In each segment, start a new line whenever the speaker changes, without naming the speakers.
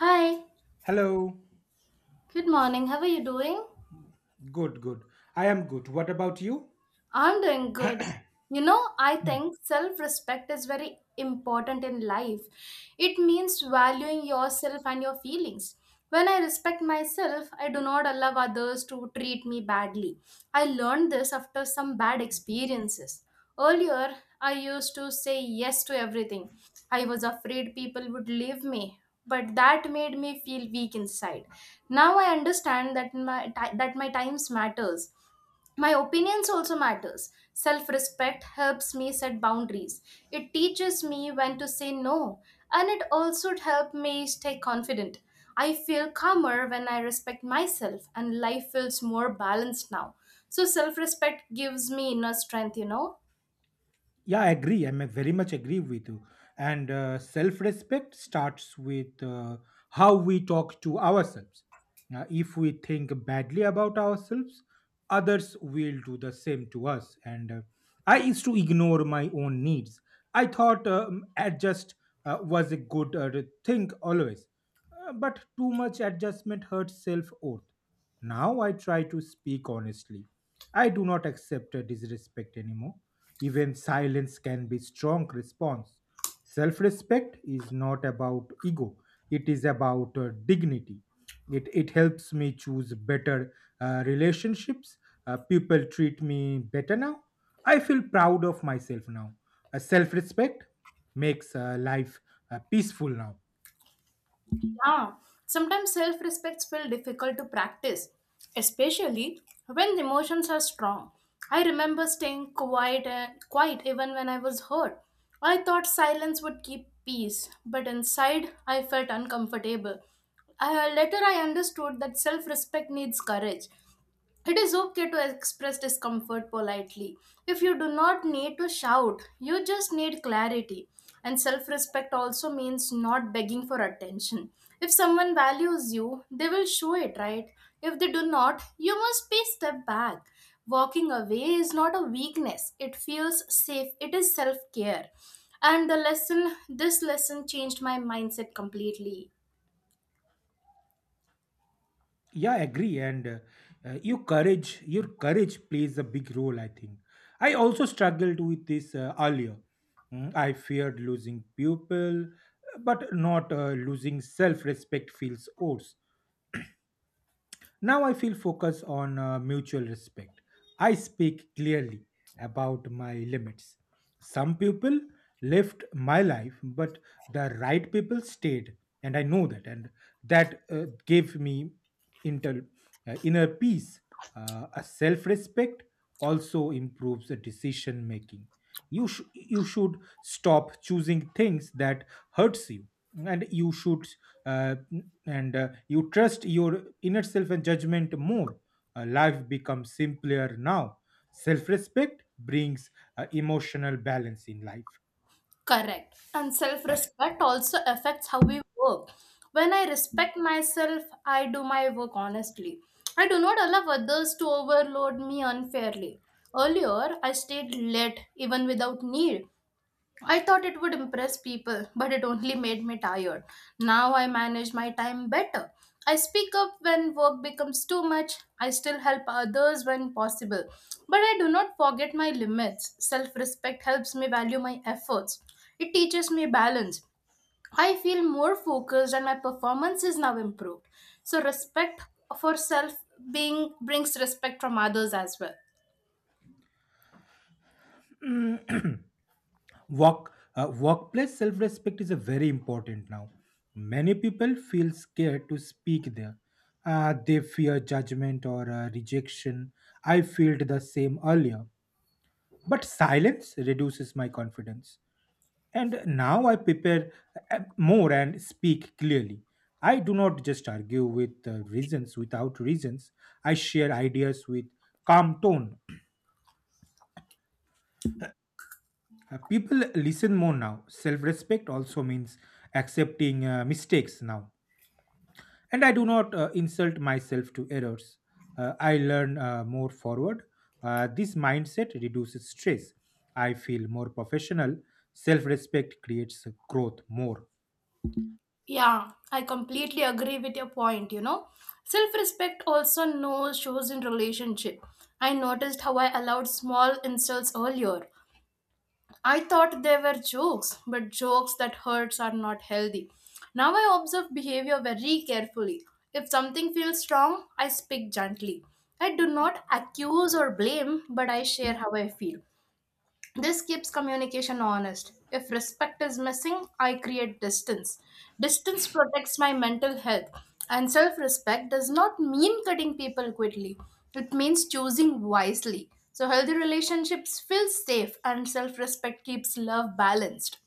Hi,
Hello.
good morning. How are you doing?
Good, good. I am good. What about you?
I'm doing good. You know, I
Hmm.
think self respect is very important in life. It means valuing yourself and your feelings. When I respect myself, I do not allow others to treat me badly. I learned this after some bad experiences. Earlier, I used to say yes to everything. I was afraid people would leave me, but that made me feel weak inside. Now I understand that my times matters, my opinions also matters. Self respect helps me set boundaries, it teaches me when to say no, and it also helps me stay confident. I feel calmer when I respect myself, and life feels more balanced now. So self respect gives me inner strength.
Yeah, I agree. I am very much agree with you. And Self respect starts with how we talk to ourselves. If we think badly about ourselves, others will do the same to us. And I used to ignore my own needs. I thought adjust was a good thing always. But too much adjustment hurts self worth. Now I try to speak honestly. I do not accept a disrespect anymore. Even silence can be strong response. Self-respect is not about ego. It is about dignity. It helps me choose better relationships. People treat me better now. I feel proud of myself now. Self-respect makes life peaceful now.
Yeah, sometimes self respects feel difficult to practice, especially when emotions are strong. I remember staying quiet even when I was hurt. I thought silence would keep peace, but inside I felt uncomfortable. Later, I understood that self respect needs courage. It is okay to express discomfort politely. If you do not need to shout, you just need clarity. And self respect also means not begging for attention. If someone values you, they will show it, right? If they do not, you must be step back. Walking away is not a weakness, it feels safe, it is self care. And this lesson changed my mindset completely.
Yeah, I agree, and your courage plays a big role, I think. I also struggled with this earlier. I feared losing people, but not losing self-respect feels worse. Now I feel focused on mutual respect. I speak clearly about my limits. Some people left my life, but the right people stayed, and I know that, and that gave me inter, inner peace. A self respect also improves the decision making. You should stop choosing things that hurts you, and you should, uh, and you trust your inner self and judgment more. Life becomes simpler now. Self-respect brings emotional balance in life.
Correct. And self respect also affects how we work. When I respect myself, I do my work honestly. I do not allow others to overload me unfairly. Earlier, I stayed late even without need. I thought it would impress people, but it only made me tired. Now I manage my time better. I speak up when work becomes too much. I still help others when possible. But I do not forget my limits. Self respect helps me value my efforts. It teaches me balance. I feel more focused and my performance is now improved. So, respect for self being brings respect from others as well.
Work, workplace self-respect is a very important now. Many people feel scared to speak there. They fear judgment or rejection. I felt the same earlier. But silence reduces my confidence. And now I prepare more and speak clearly. I do not just argue with reasons without reasons. I share ideas with calm tone. People listen more now. Self respect also means accepting mistakes now, and I do not insult myself to errors. I learn more forward. This mindset reduces stress. I feel more professional. Self-respect creates growth more.
Yeah, I completely agree with your point, you know. Self-respect also knows shows in relationship. I noticed how I allowed small insults earlier. I thought they were jokes, but jokes that hurts are not healthy. Now I observe behavior very carefully. If something feels wrong, I speak gently. I do not accuse or blame, but I share how I feel. This keeps communication honest. If respect is missing, I create distance. Distance protects my mental health, and self respect does not mean cutting people quickly, it means choosing wisely. So, healthy relationships feel safe, and self respect keeps love balanced.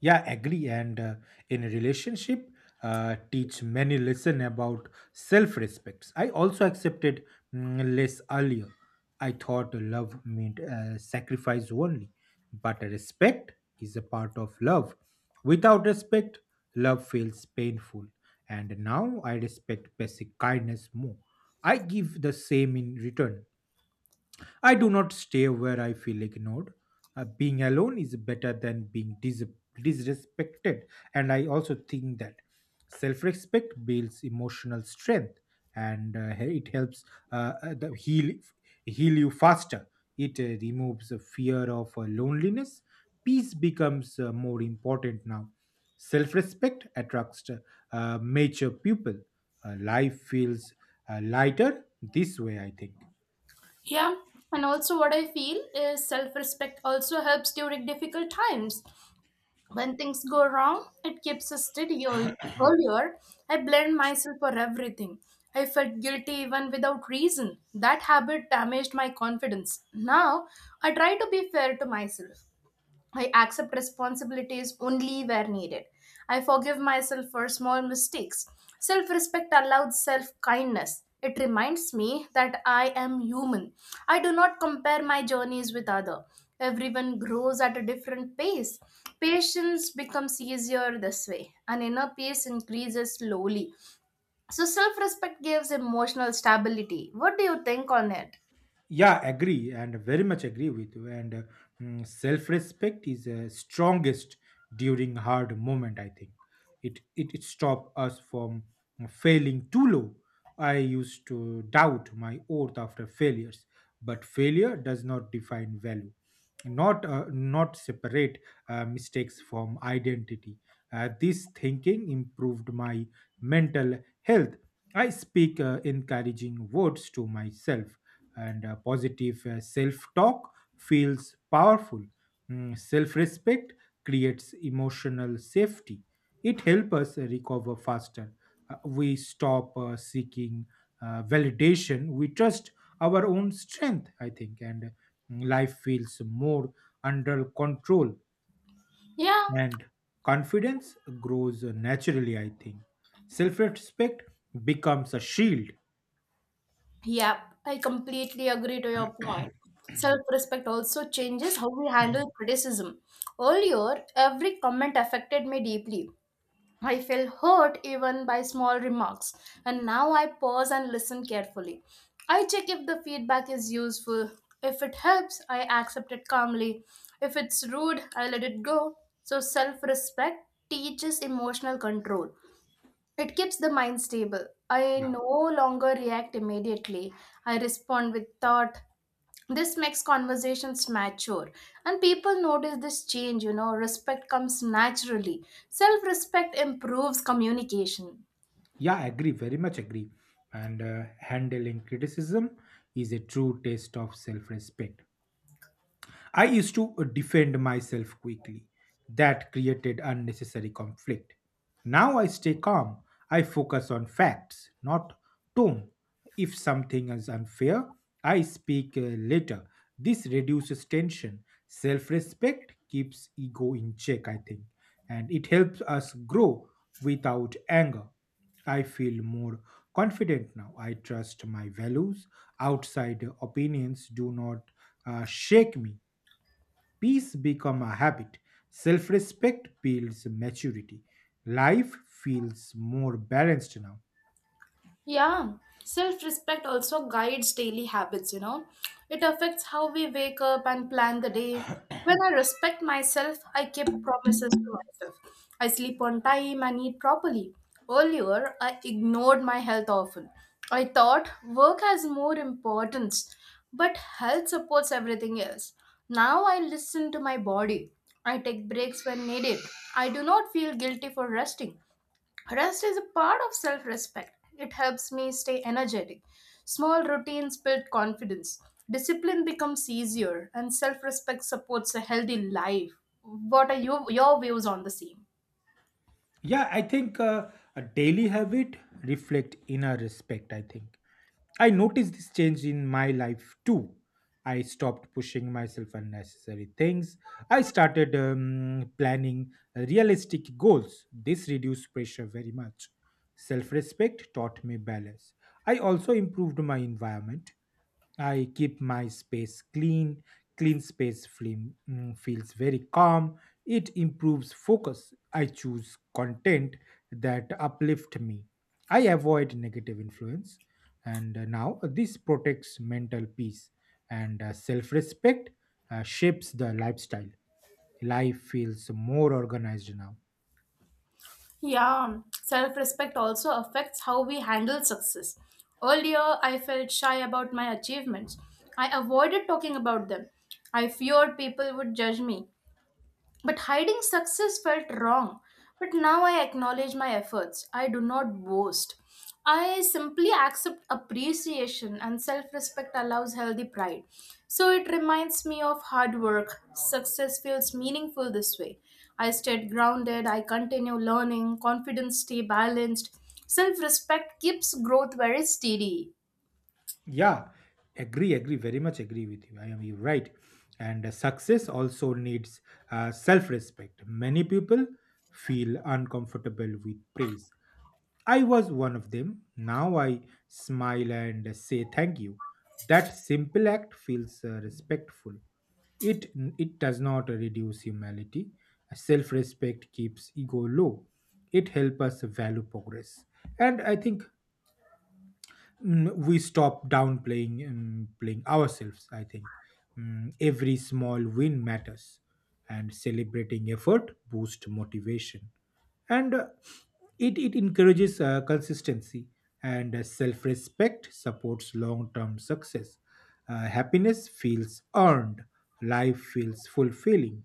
Yeah, agree. And In a relationship, teach many lesson about self respects. I also accepted less earlier. I thought love meant sacrifice only, but respect is a part of love. Without respect, love feels painful. And now I respect basic kindness more. I give the same in return. I do not stay where I feel ignored. Being alone is better than being disrespected, and I also think that self respect builds emotional strength, and it helps uh, uh, the heal, heal you faster. It removes the fear of loneliness. Peace becomes more important now. Self respect attracts mature people. Life feels lighter this way, I think.
Yeah, and also what I feel is self respect also helps during difficult times. When things go wrong, it keeps us steady. Earlier, I blamed myself for everything. I felt guilty even without reason. That habit damaged my confidence. Now, I try to be fair to myself. I accept responsibilities only where needed. I forgive myself for small mistakes. Self respect allows self kindness. It reminds me that I am human. I do not compare my journeys with other. Everyone grows at a different pace. Patience becomes easier this way, and inner peace increases slowly. So, self respect gives emotional stability. What do you think on it?
Yeah, agree, and very much agree with you. Self-respect is strongest during hard moment, I think. It stop us from failing too low. I used to doubt my worth after failures, but failure does not define value. Not separate mistakes from identity. This thinking improved my mental health. I speak encouraging words to myself, and positive self-talk feels powerful. Self-respect creates emotional safety. It helps us recover faster. We stop seeking validation. We trust our own strength, I think, and life feels more under control.
Yeah,
And confidence grows naturally, I think. Self-respect becomes a shield.
Yeah, I completely agree to your point. Self respect also changes how we handle criticism. Earlier, every comment affected me deeply. I felt hurt even by small remarks, and now I pause and listen carefully. I check if the feedback is useful. If it helps, I accept it calmly. If it's rude, I let it go. So, self respect teaches emotional control. It keeps the mind stable. I no longer react immediately. I respond with thought. This makes conversations mature. And people notice this change, you know, respect comes naturally. Self respect improves communication.
Yeah, agree, very much agree. And Handling criticism is a true test of self respect. I used to defend myself quickly. That created unnecessary conflict. Now I stay calm. I focus on facts, not tone. If something is unfair, I speak later. This reduces tension. Self respect keeps ego in check, I think, and it helps us grow without anger. I feel more confident now. I trust my values. Outside opinions do not shake me. Peace become a habit. Self-respect builds maturity. Life feels more balanced now.
Yeah, self respect also guides daily habits, you know. It affects how we wake up and plan the day. When I respect myself, I keep promises to myself. I sleep on time and eat properly. Earlier, I ignored my health often. I thought work has more importance, but health supports everything else. Now I listen to my body. I take breaks when needed. I do not feel guilty for resting. Rest is a part of self respect. It helps me stay energetic. Small routines build confidence. Discipline becomes easier, and self respect supports a healthy life. What are your views on the same?
Yeah, I think a daily habit reflect inner respect, I think. I noticed this change in my life too. I stopped pushing myself unnecessary things. I started planning realistic goals. This reduced pressure very much. Self respect taught me balance. I also improved my environment. I keep my space clean. Clean space film, feels very calm. It improves focus. I choose content that uplift me. I avoid negative influence. And Now this protects mental peace, and self respect shapes the lifestyle. Life feels more organized now.
Yeah, self respect also affects how we handle success. Earlier, I felt shy about my achievements. I avoided talking about them. I feared people would judge me. But hiding success felt wrong. But now I acknowledge my efforts. I do not boast. I simply accept appreciation, and self respect allows healthy pride. So it reminds me of hard work. Success feels meaningful this way. I stayed grounded, I continue learning, confidence stay balanced. Self respect keeps growth very steady.
Yeah, very much agree with you. I am you right. And Success also needs self respect. Many people feel uncomfortable with praise. I was one of them. Now I smile and say thank you. That simple act feels respectful. It, it does not reduce humility. Self respect keeps ego low. It helps us value progress. And I think we stop downplaying playing ourselves, I think. Every small win matters, and celebrating effort boosts motivation, and it encourages consistency, and self-respect supports long-term success. Happiness feels earned. Life feels fulfilling.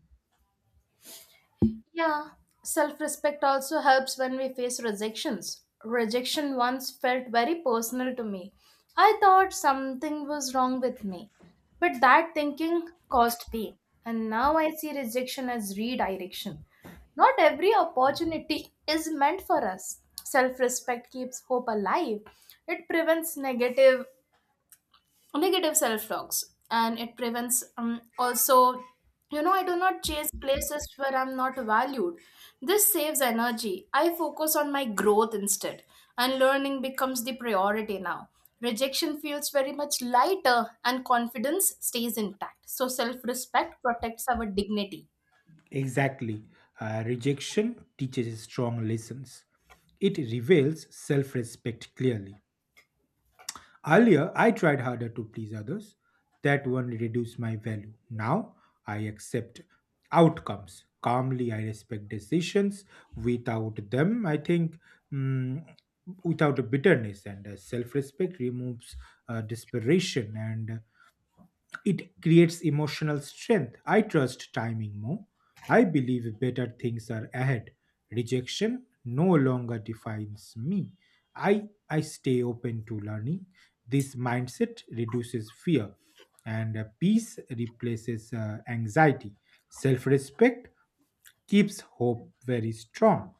Yeah, self respect also helps when we face rejections. Rejection once felt very personal to me. I thought something was wrong with me, but that thinking caused pain. And now I see rejection as redirection. Not every opportunity is meant for us. Self respect keeps hope alive, it prevents negative self talks, and it prevents also, I do not chase places where I'm not valued. This saves energy, I focus on my growth instead, and learning becomes the priority now. Rejection feels very much lighter and confidence stays intact. So self respect protects our dignity.
Exactly. Rejection teaches strong lessons. It reveals self-respect clearly. Earlier, I tried harder to please others. That one reduced my value. Now, I accept outcomes. Calmly, I respect decisions. Without them, I think, mm, without bitterness, and self respect removes desperation. And it creates emotional strength. I trust timing more. I believe better things are ahead. Rejection no longer defines me. I, I stay open to learning. This mindset reduces fear, and peace replaces anxiety. Self respect keeps hope very strong.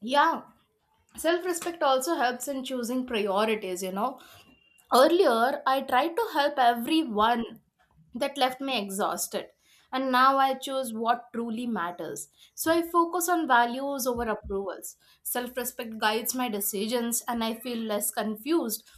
Yeah, self respect also helps in choosing priorities, you know. Earlier, I tried to help everyone that left me exhausted. And now I choose what truly matters. So I focus on values over approvals. Self respect guides my decisions, and I feel less confused.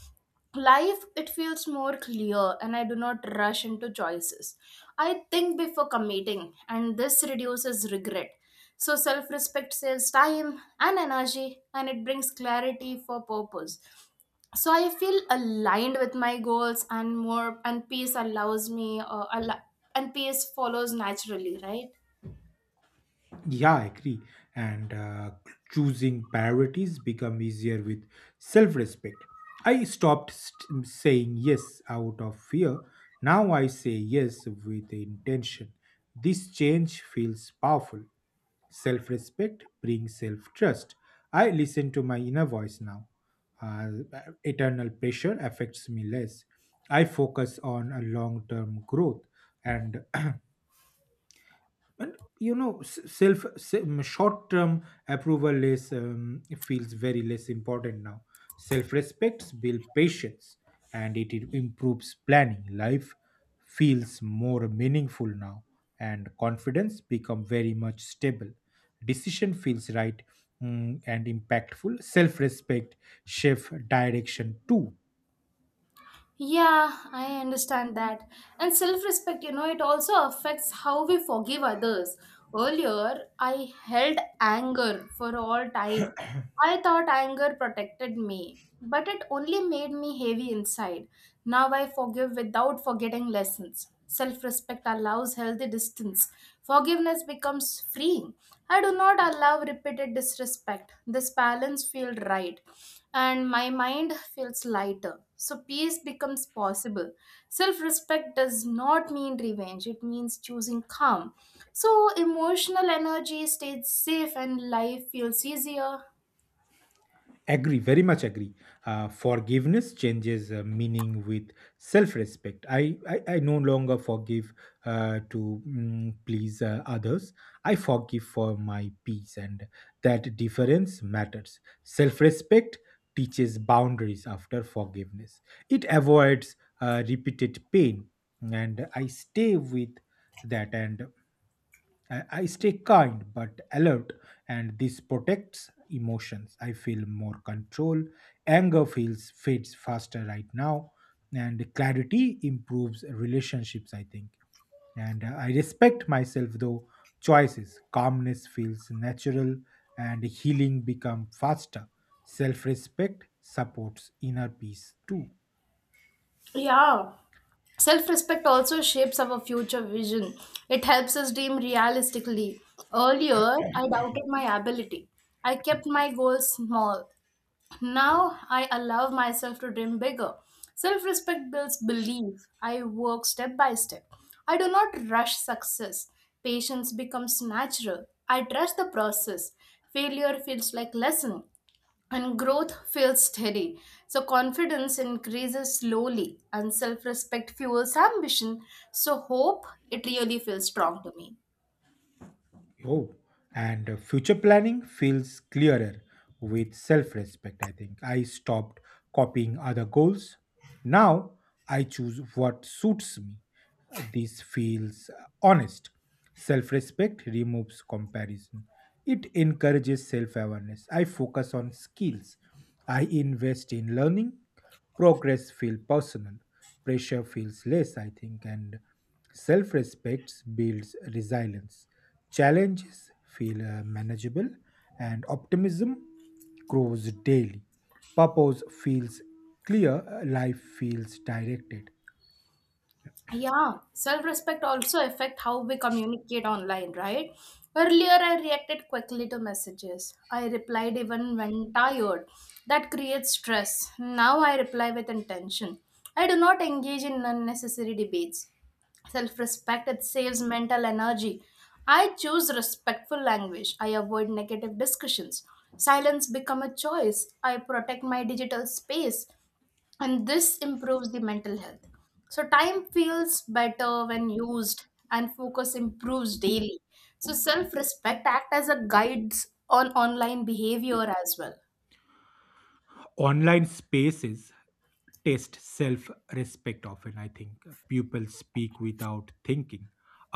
Life, it feels more clear, and I do not rush into choices. I think before committing, and this reduces regret. So, self respect saves time and energy, and it brings clarity for purpose. So I feel aligned with my goals and more, and peace allows me al- and peace follows naturally, right?
Yeah, I agree. And Choosing priorities become easier with self-respect. I stopped saying yes out of fear. Now I say yes with intention. This change feels powerful. Self-respect brings self-trust. I listen to my inner voice now. Uh, Eternal pressure affects me less. I focus on a long-term growth, and and you know, self short term approval is feels very less important now. Self respect builds patience, and it improves planning. Life feels more meaningful now, and confidence become very much stable. Decision feels right, and impactful. Self respect shift direction too.
Yeah, I understand that. And self-respect, you know, it also affects how we forgive others. Earlier, I held anger for all time. I thought anger protected me, but it only made me heavy inside. Now I forgive without forgetting lessons. Self-respect allows healthy distance, forgiveness becomes free. I do not allow repeated disrespect. This balance feels right, and my mind feels lighter. So, peace becomes possible. Self respect does not mean revenge, it means choosing calm. So, emotional energy stays safe, and life feels easier.
Agree, very much agree. Forgiveness changes meaning with self-respect. I no longer forgive to please others. I forgive for my peace, and that difference matters. Self-respect teaches boundaries after forgiveness. It avoids repeated pain, and I stay with that. And I stay kind but alert, and this protects emotions. I feel more control. Anger feels fades faster right now, and clarity improves relationships, I think, and I respect myself though choices. Calmness feels natural, and healing become faster. Self-respect supports inner peace too.
Yeah. Self respect also shapes our future vision. It helps us dream realistically. Earlier, I doubted my ability. I kept my goals small. Now I allow myself to dream bigger. Self respect builds belief. I work step by step. I do not rush success. Patience becomes natural. I trust the process. Failure feels like lesson and growth feels steady. So confidence increases slowly and self-respect fuels ambition. So hope it really feels strong to me.
Oh, and future planning feels clearer with self respect, I think. I stopped copying other goals. Now I choose what suits me. This feels honest. Self respect removes comparison. It encourages self awareness. I focus on skills. I invest in learning. Progress feels personal. Pressure feels less, I think. And self respect builds resilience. Challenges feel manageable. And optimism grows daily. Purpose feels clear. Life feels directed.
Yeah, self-respect also affect how we communicate online, right? Earlier, I reacted quickly to messages. I replied even when tired. That creates stress. Now I reply with intention. I do not engage in unnecessary debates. Self-respect, it saves mental energy. I choose respectful language. I avoid negative discussions. Silence become a choice. I protect my digital space and this improves the mental health. So time feels better when used and focus improves daily. So self-respect act as a guides on online behavior as well.
Online spaces test self respect often, I think. People speak without thinking.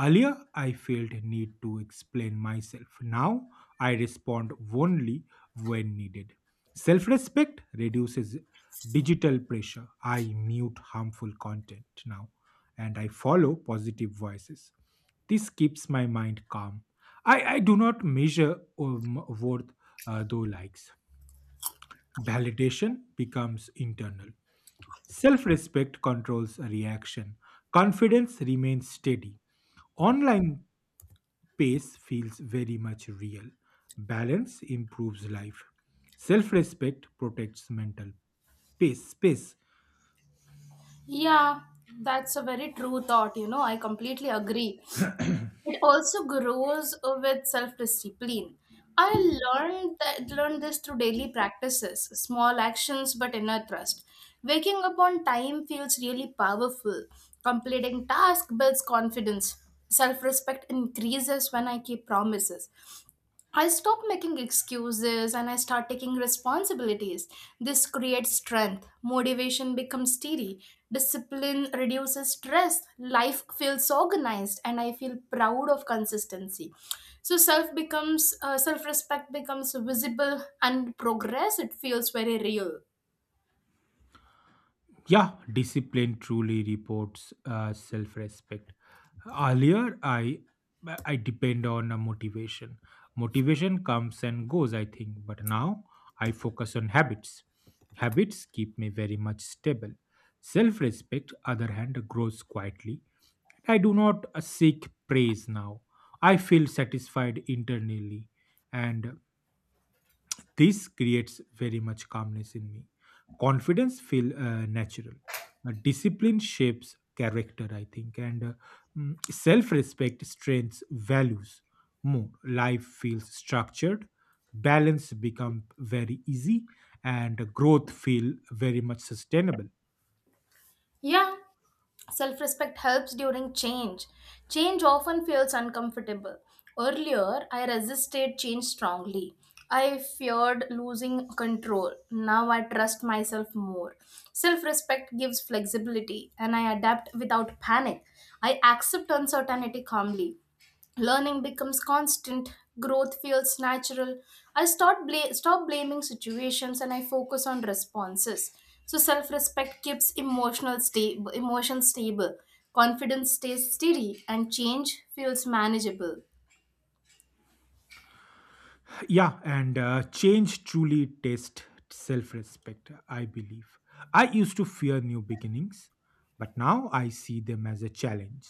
Earlier I felt a need to explain myself. Now I respond only when needed. Self respect reduces digital pressure. I mute harmful content now, and I follow positive voices. This keeps my mind calm. I do not measure worth though likes. Validation becomes internal. Self respect controls a reaction. Confidence remains steady. Online pace feels very much real. Balance improves life. Self respect protects mental space.
Yeah, that's a very true thought, you know, I completely agree. It also grows with self-discipline. I learned this through daily practices, small actions but inner trust. Waking up on time feels really powerful. Completing task builds confidence. Self-respect increases when I keep promises. I stop making excuses and I start taking responsibilities. This creates strength. Motivation becomes steady. Discipline reduces stress. Life feels organized and I feel proud of consistency. So self-respect becomes visible and progress it feels very real.
Yeah, discipline truly reports self-respect. Earlier, I depend on a motivation. Motivation comes and goes, I think, but now I focus on habits. Habits keep me very much stable. Self-respect, other hand, grows quietly. I do not seek praise now. I feel satisfied internally, and this creates very much calmness in me. Confidence feel natural. Discipline shapes character, I think, and mm, self-respect strengthens values more. Life feels structured. Balance become very easy, and growth feel very much sustainable.
Yeah. Self respect helps during change. Change often feels uncomfortable. Earlier, I resisted change strongly. I feared losing control. Now I trust myself more. Self respect gives flexibility and I adapt without panic. I accept uncertainty calmly. Learning becomes constant, growth feels natural. I start stop blaming situations and I focus on responses. So self-respect keeps emotion stable. Confidence stays steady and change feels manageable.
Yeah, and Change truly tests self respect, I believe. I used to fear new beginnings, but now I see them as a challenge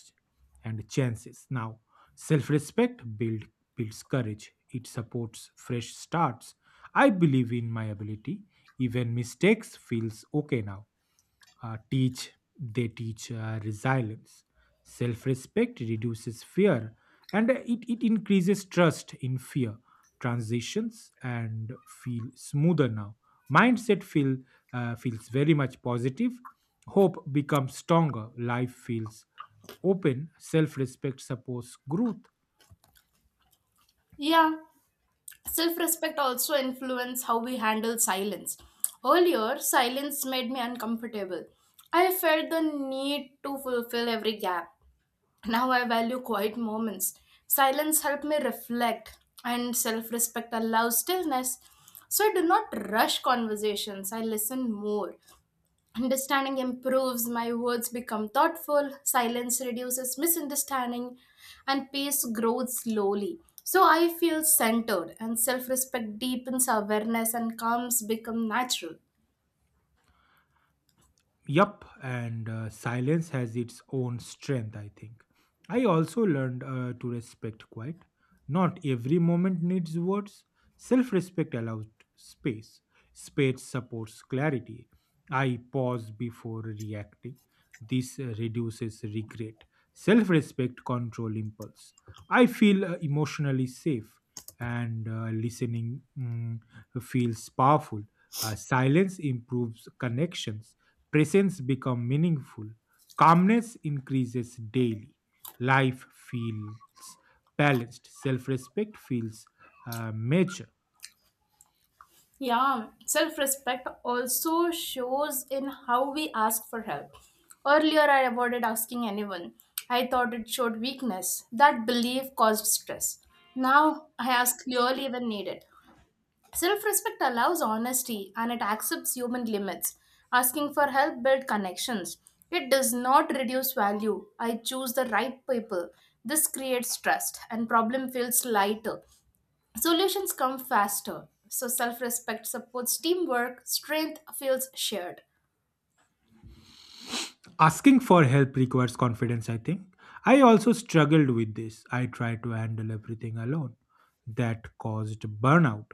and chances. Now, self respect builds courage. It supports fresh starts. I believe in my ability. Even mistakes feels okay now. Teach They teach resilience. Self-respect reduces fear, and it increases trust in fear. Transitions and feel smoother now. Mindset feels very much positive. Hope becomes stronger. Life feels open. Self-respect supports growth.
Yeah, self respect also influence how we handle silence. Earlier, silence made me uncomfortable. I felt the need to fulfill every gap. Now I value quiet moments. Silence helps me reflect, and self respect allows stillness. So I do not rush conversations, I listen more. Understanding improves, my words become thoughtful, silence reduces misunderstanding, and peace grows slowly. So I feel centered, and self respect deepens awareness, and calms become natural.
Yup, and silence has its own strength, I think. I also learned to respect quiet. Not every moment needs words. Self respect allows space. Space supports clarity. I pause before reacting. This reduces regret. Self respect control impulse. I feel emotionally safe and listening feels powerful. Silence improves connections. Presence becomes meaningful. Calmness increases daily. Life feels balanced. Self-respect feels mature.
Yeah, self respect also shows in how we ask for help. Earlier, I avoided asking anyone. I thought it showed weakness. That belief caused stress. Now, I ask clearly when needed. Self respect allows honesty and it accepts human limits. Asking for help builds connections. It does not reduce value. I choose the right people. This creates trust and problem feels lighter. Solutions come faster. So self respect supports teamwork, strength feels shared.
Asking for help requires confidence, I think. I also struggled with this. I tried to handle everything alone. That caused burnout.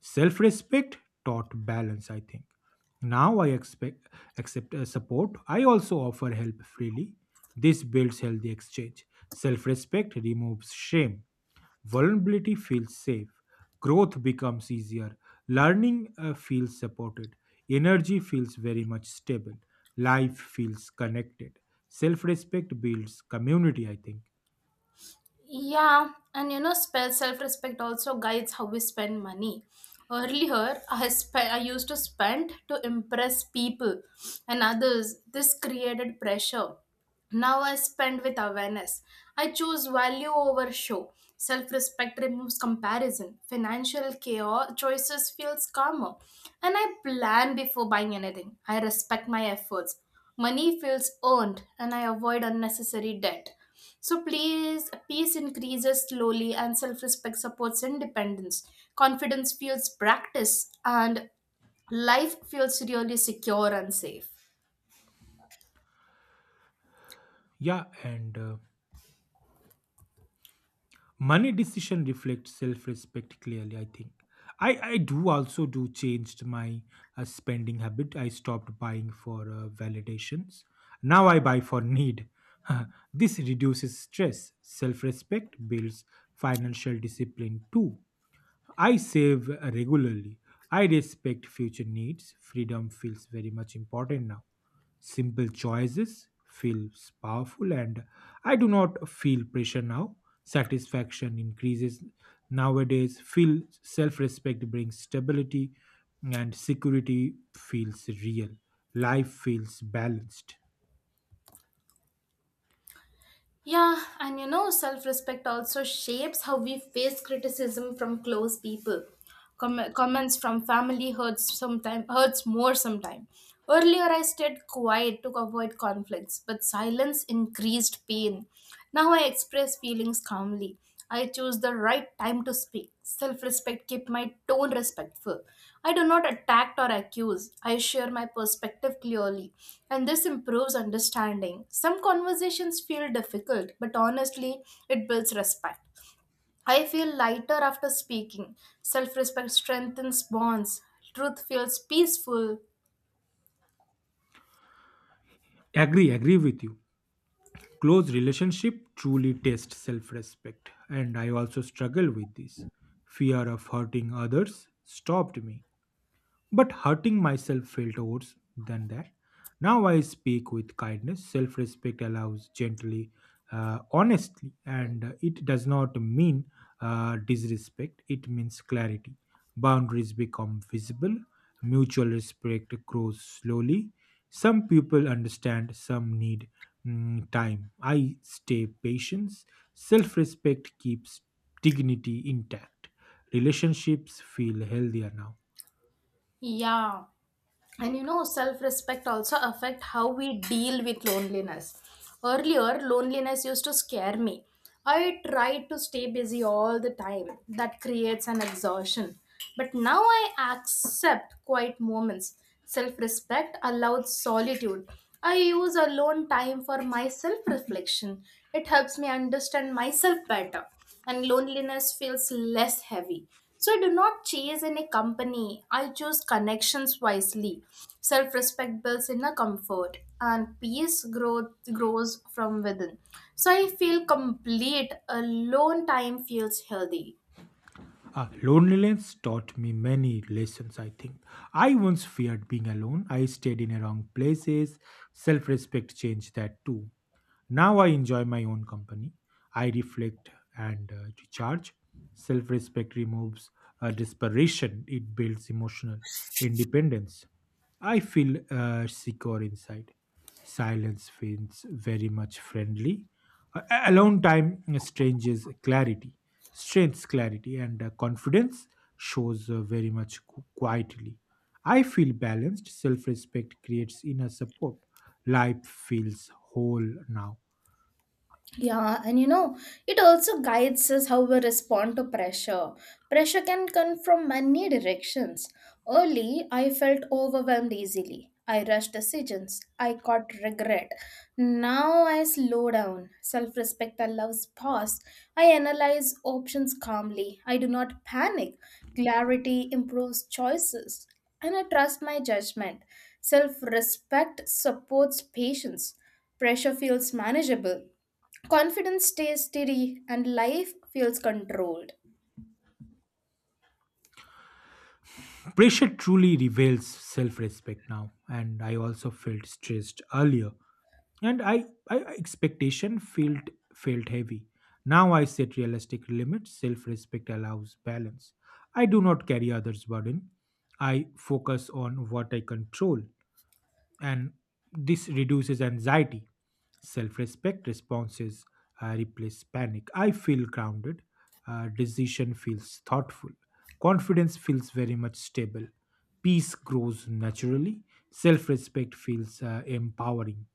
Self respect taught balance, I think. Now I expect accept support. I also offer help freely. This builds healthy exchange. Self respect removes shame. Vulnerability feels safe, growth becomes easier, learning feels supported, energy feels very much stable, life feels connected, self respect builds community, I think.
Yeah, and self respect also guides how we spend money. Earlier, I used to spend to impress people and others. This created pressure. Now I spend with awareness. I choose value over show. Self respect removes comparison. Financial chaos choices feels calmer. And I plan before buying anything. I respect my efforts. Money feels earned and I avoid unnecessary debt. So please peace increases slowly and self respect supports independence. Confidence feels practice and life feels really secure and safe.
Yeah, and money decision reflects self-respect clearly, I think. I do also do changed my spending habit. I stopped buying for validations. Now I buy for need. This reduces stress. Self-respect builds financial discipline too. I save regularly. I respect future needs. Freedom feels very much important now. Simple choices feels powerful, and I do not feel pressure now. Satisfaction increases nowadays. Feel self-respect brings stability and security feels real. Life feels balanced.
Yeah, and self respect also shapes how we face criticism from close people. Comments from family hurts sometimes hurts more sometimes. Earlier, I stayed quiet to avoid conflicts, but silence increased pain. Now I express feelings calmly. I choose the right time to speak. Self respect keep my tone respectful. I do not attack or accuse. I share my perspective clearly, and this improves understanding. Some conversations feel difficult, but honestly, it builds respect. I feel lighter after speaking. Self respect strengthens bonds. Truth feels peaceful.
Agree, agree with you. Close relationship truly test self-respect, and I also struggle with this. Fear of hurting others stopped me, but hurting myself felt worse than that. Now I speak with kindness. Self respect allows gently, honestly, and it does not mean disrespect, it means clarity. Boundaries become visible, mutual respect grows slowly. Some people understand, some need time. I stay patient. Self respect keeps dignity intact. Relationships feel healthier now.
Yeah. And self-respect also affect how we deal with loneliness. Earlier loneliness used to scare me. I tried to stay busy all the time. That creates an exhaustion, but now I accept quiet moments. Self-respect allows solitude. I use alone time for my self-reflection. It helps me understand myself better, and loneliness feels less heavy. So I do not chase any company. I choose connections wisely. Self-respect builds inner comfort and peace growth grows from within. So I feel complete. Alone time feels healthy.
Loneliness taught me many lessons, I think. I once feared being alone. I stayed in the wrong places. Self respect changed that too. Now I enjoy my own company. I reflect and recharge. Self respect removes desperation, it builds emotional independence. I feel secure inside. Silence feels very much friendly. Alone time strangers clarity, strengths clarity, and confidence shows very much quietly. I feel balanced. Self respect creates inner support. Life feels whole now.
Yeah, and it also guides us how we respond to pressure. Pressure can come from many directions. Early, I felt overwhelmed easily. I rushed decisions. I caught regret. Now I slow down. Self respect allows pause. I analyze options calmly. I do not panic. Clarity improves choices. And I trust my judgment. Self respect supports patience. Pressure feels manageable. Confidence stays steady and life feels controlled.
Pressure truly reveals self respect now, and I also felt stressed earlier. And expectation felt heavy. Now I set realistic limits. Self-respect allows balance. I do not carry others' burden. I focus on what I control, and this reduces anxiety. Self-respect responses replace panic. I feel grounded. Decision feels thoughtful. Confidence feels very much stable. Peace grows naturally. Self-respect feels empowering.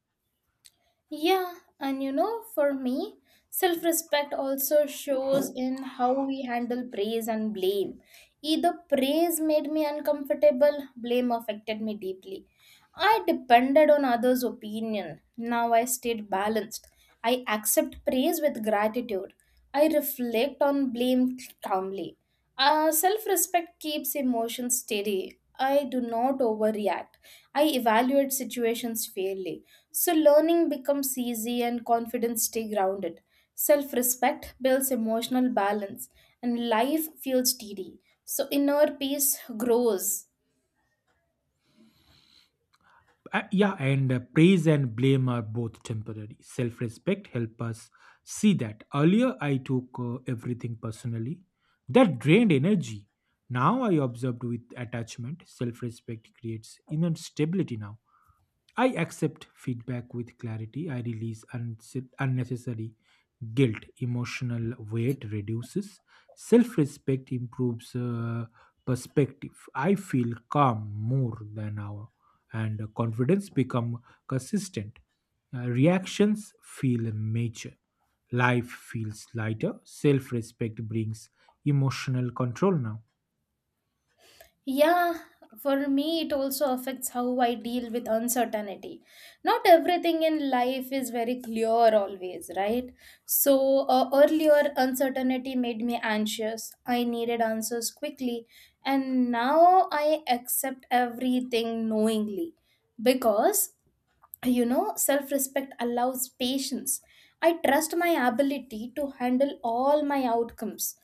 Yeah, and for me, self respect also shows in how we handle praise and blame. Either praise made me uncomfortable, blame affected me deeply. I depended on others' opinion. Now I stayed balanced. I accept praise with gratitude. I reflect on blame calmly. Self respect keeps emotions steady. I do not overreact. I evaluate situations fairly. So learning becomes easy and confidence stay grounded. Self respect builds emotional balance and life feels steady. So inner peace grows.
Yeah, and praise and blame are both temporary. Self respect help us see that. Earlier, I took everything personally. That drained energy. Now I observed with attachment. Self respect creates inner stability now. I accept feedback with clarity. I release unnecessary guilt. Emotional weight reduces. Self respect improves perspective. I feel calm more than now, and confidence become consistent. Reactions feel mature. Life feels lighter. Self respect brings emotional control now.
Yeah, for me, it also affects how I deal with uncertainty. Not everything in life is very clear always, right? So, earlier, uncertainty made me anxious. I needed answers quickly. And now I accept everything knowingly because, self respect allows patience. I trust my ability to handle all my outcomes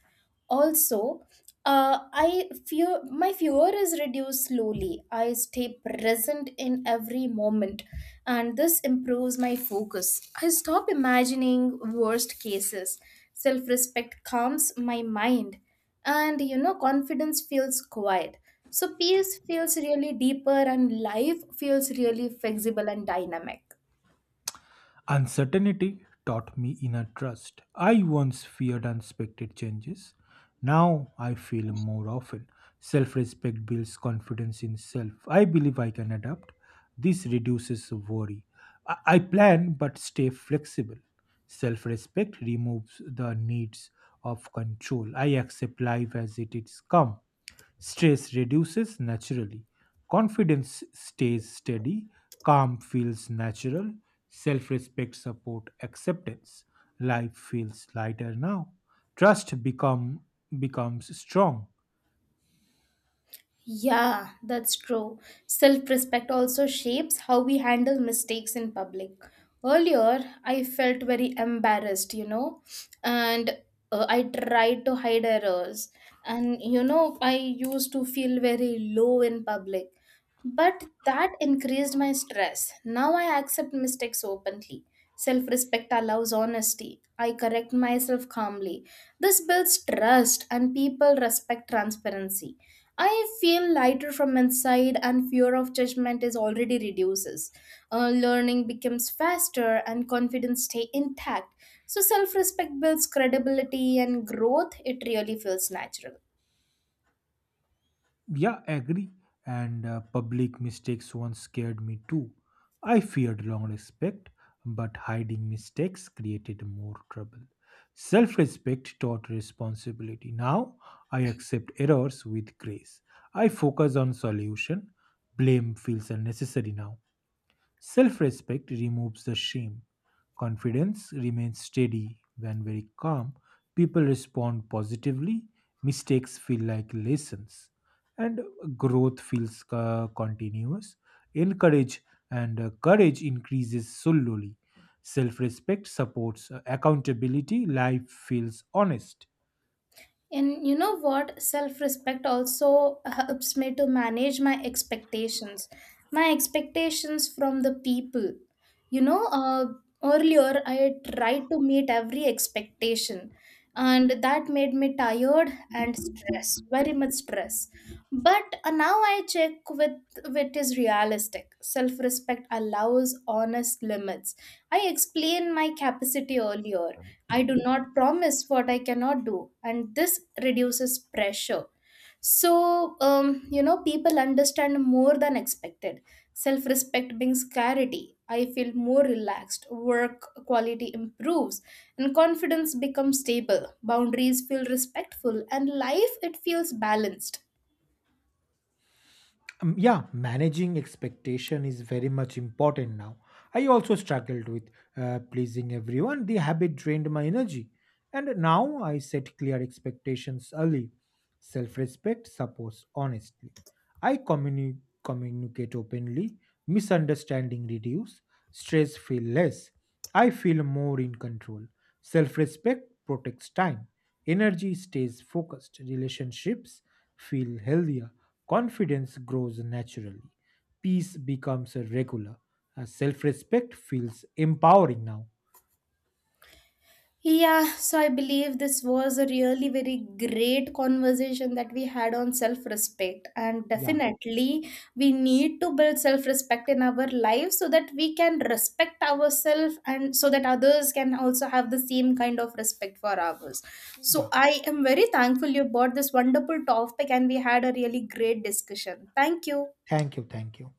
also, uh, I fear my fear is reduced slowly. I stay present in every moment, and this improves my focus. I stop imagining worst cases. Self-respect calms my mind, and confidence feels quiet. So peace feels really deeper, and life feels really flexible and dynamic.
Uncertainty taught me inner trust. I once feared unexpected changes. Now I feel more often. Self respect builds confidence in self. I believe I can adapt. This reduces worry. I plan but stay flexible. Self respect removes the needs of control. I accept life as it is come. Stress reduces naturally. Confidence stays steady. Calm feels natural. Self respect support acceptance. Life feels lighter now. Trust becomes strong.
Yeah, that's true. Self respect also shapes how we handle mistakes in public. Earlier, I felt very embarrassed, and I tried to hide errors. And, I used to feel very low in public. But that increased my stress. Now I accept mistakes openly. Self respect allows honesty. I correct myself calmly. This builds trust, and people respect transparency. I feel lighter from inside, and fear of judgment is already reduces. Learning becomes faster, and confidence stay intact. So self-respect builds credibility and growth. It really feels natural.
Yeah, agree. And public mistakes once scared me too. I feared long respect, but hiding mistakes created more trouble. Self respect taught responsibility. Now I accept errors with grace. I focus on solution. Blame feels unnecessary now. Self respect removes the shame. Confidence remains steady. When very calm, people respond positively. Mistakes feel like lessons. And growth feels continuous. Encourage and courage increases slowly. Self respect supports accountability. Life feels honest.
And you know what? Self respect also helps me to manage my expectations from the people. You know, uh, Earlier I tried to meet every expectation, and that made me tired and stressed, very much stress. But now I check with what is realistic. Self respect allows honest limits. I explained my capacity earlier. I do not promise what I cannot do, and this reduces pressure. So, people understand more than expected. Self respect brings clarity. I feel more relaxed. Work quality improves, and confidence becomes stable. Boundaries feel respectful, and life it feels balanced.
Yeah, managing expectation is very much important now. I also struggled with pleasing everyone. The habit drained my energy. And now I set clear expectations early. Self respect supports honesty. I communicate openly, misunderstanding reduce, stress feel less. I feel more in control. Self respect protects time, energy stays focused, relationships feel healthier, confidence grows naturally, peace becomes a regular. Self respect feels empowering now.
Yeah, so I believe this was a really very great conversation that we had on self respect. And
Yeah,
definitely, we need to build self respect in our lives so that we can respect ourselves and so that others can also have the same kind of respect for ours. So,
yeah.
I am very thankful you brought this wonderful topic and we had a really great discussion. Thank you.
Thank you, thank you.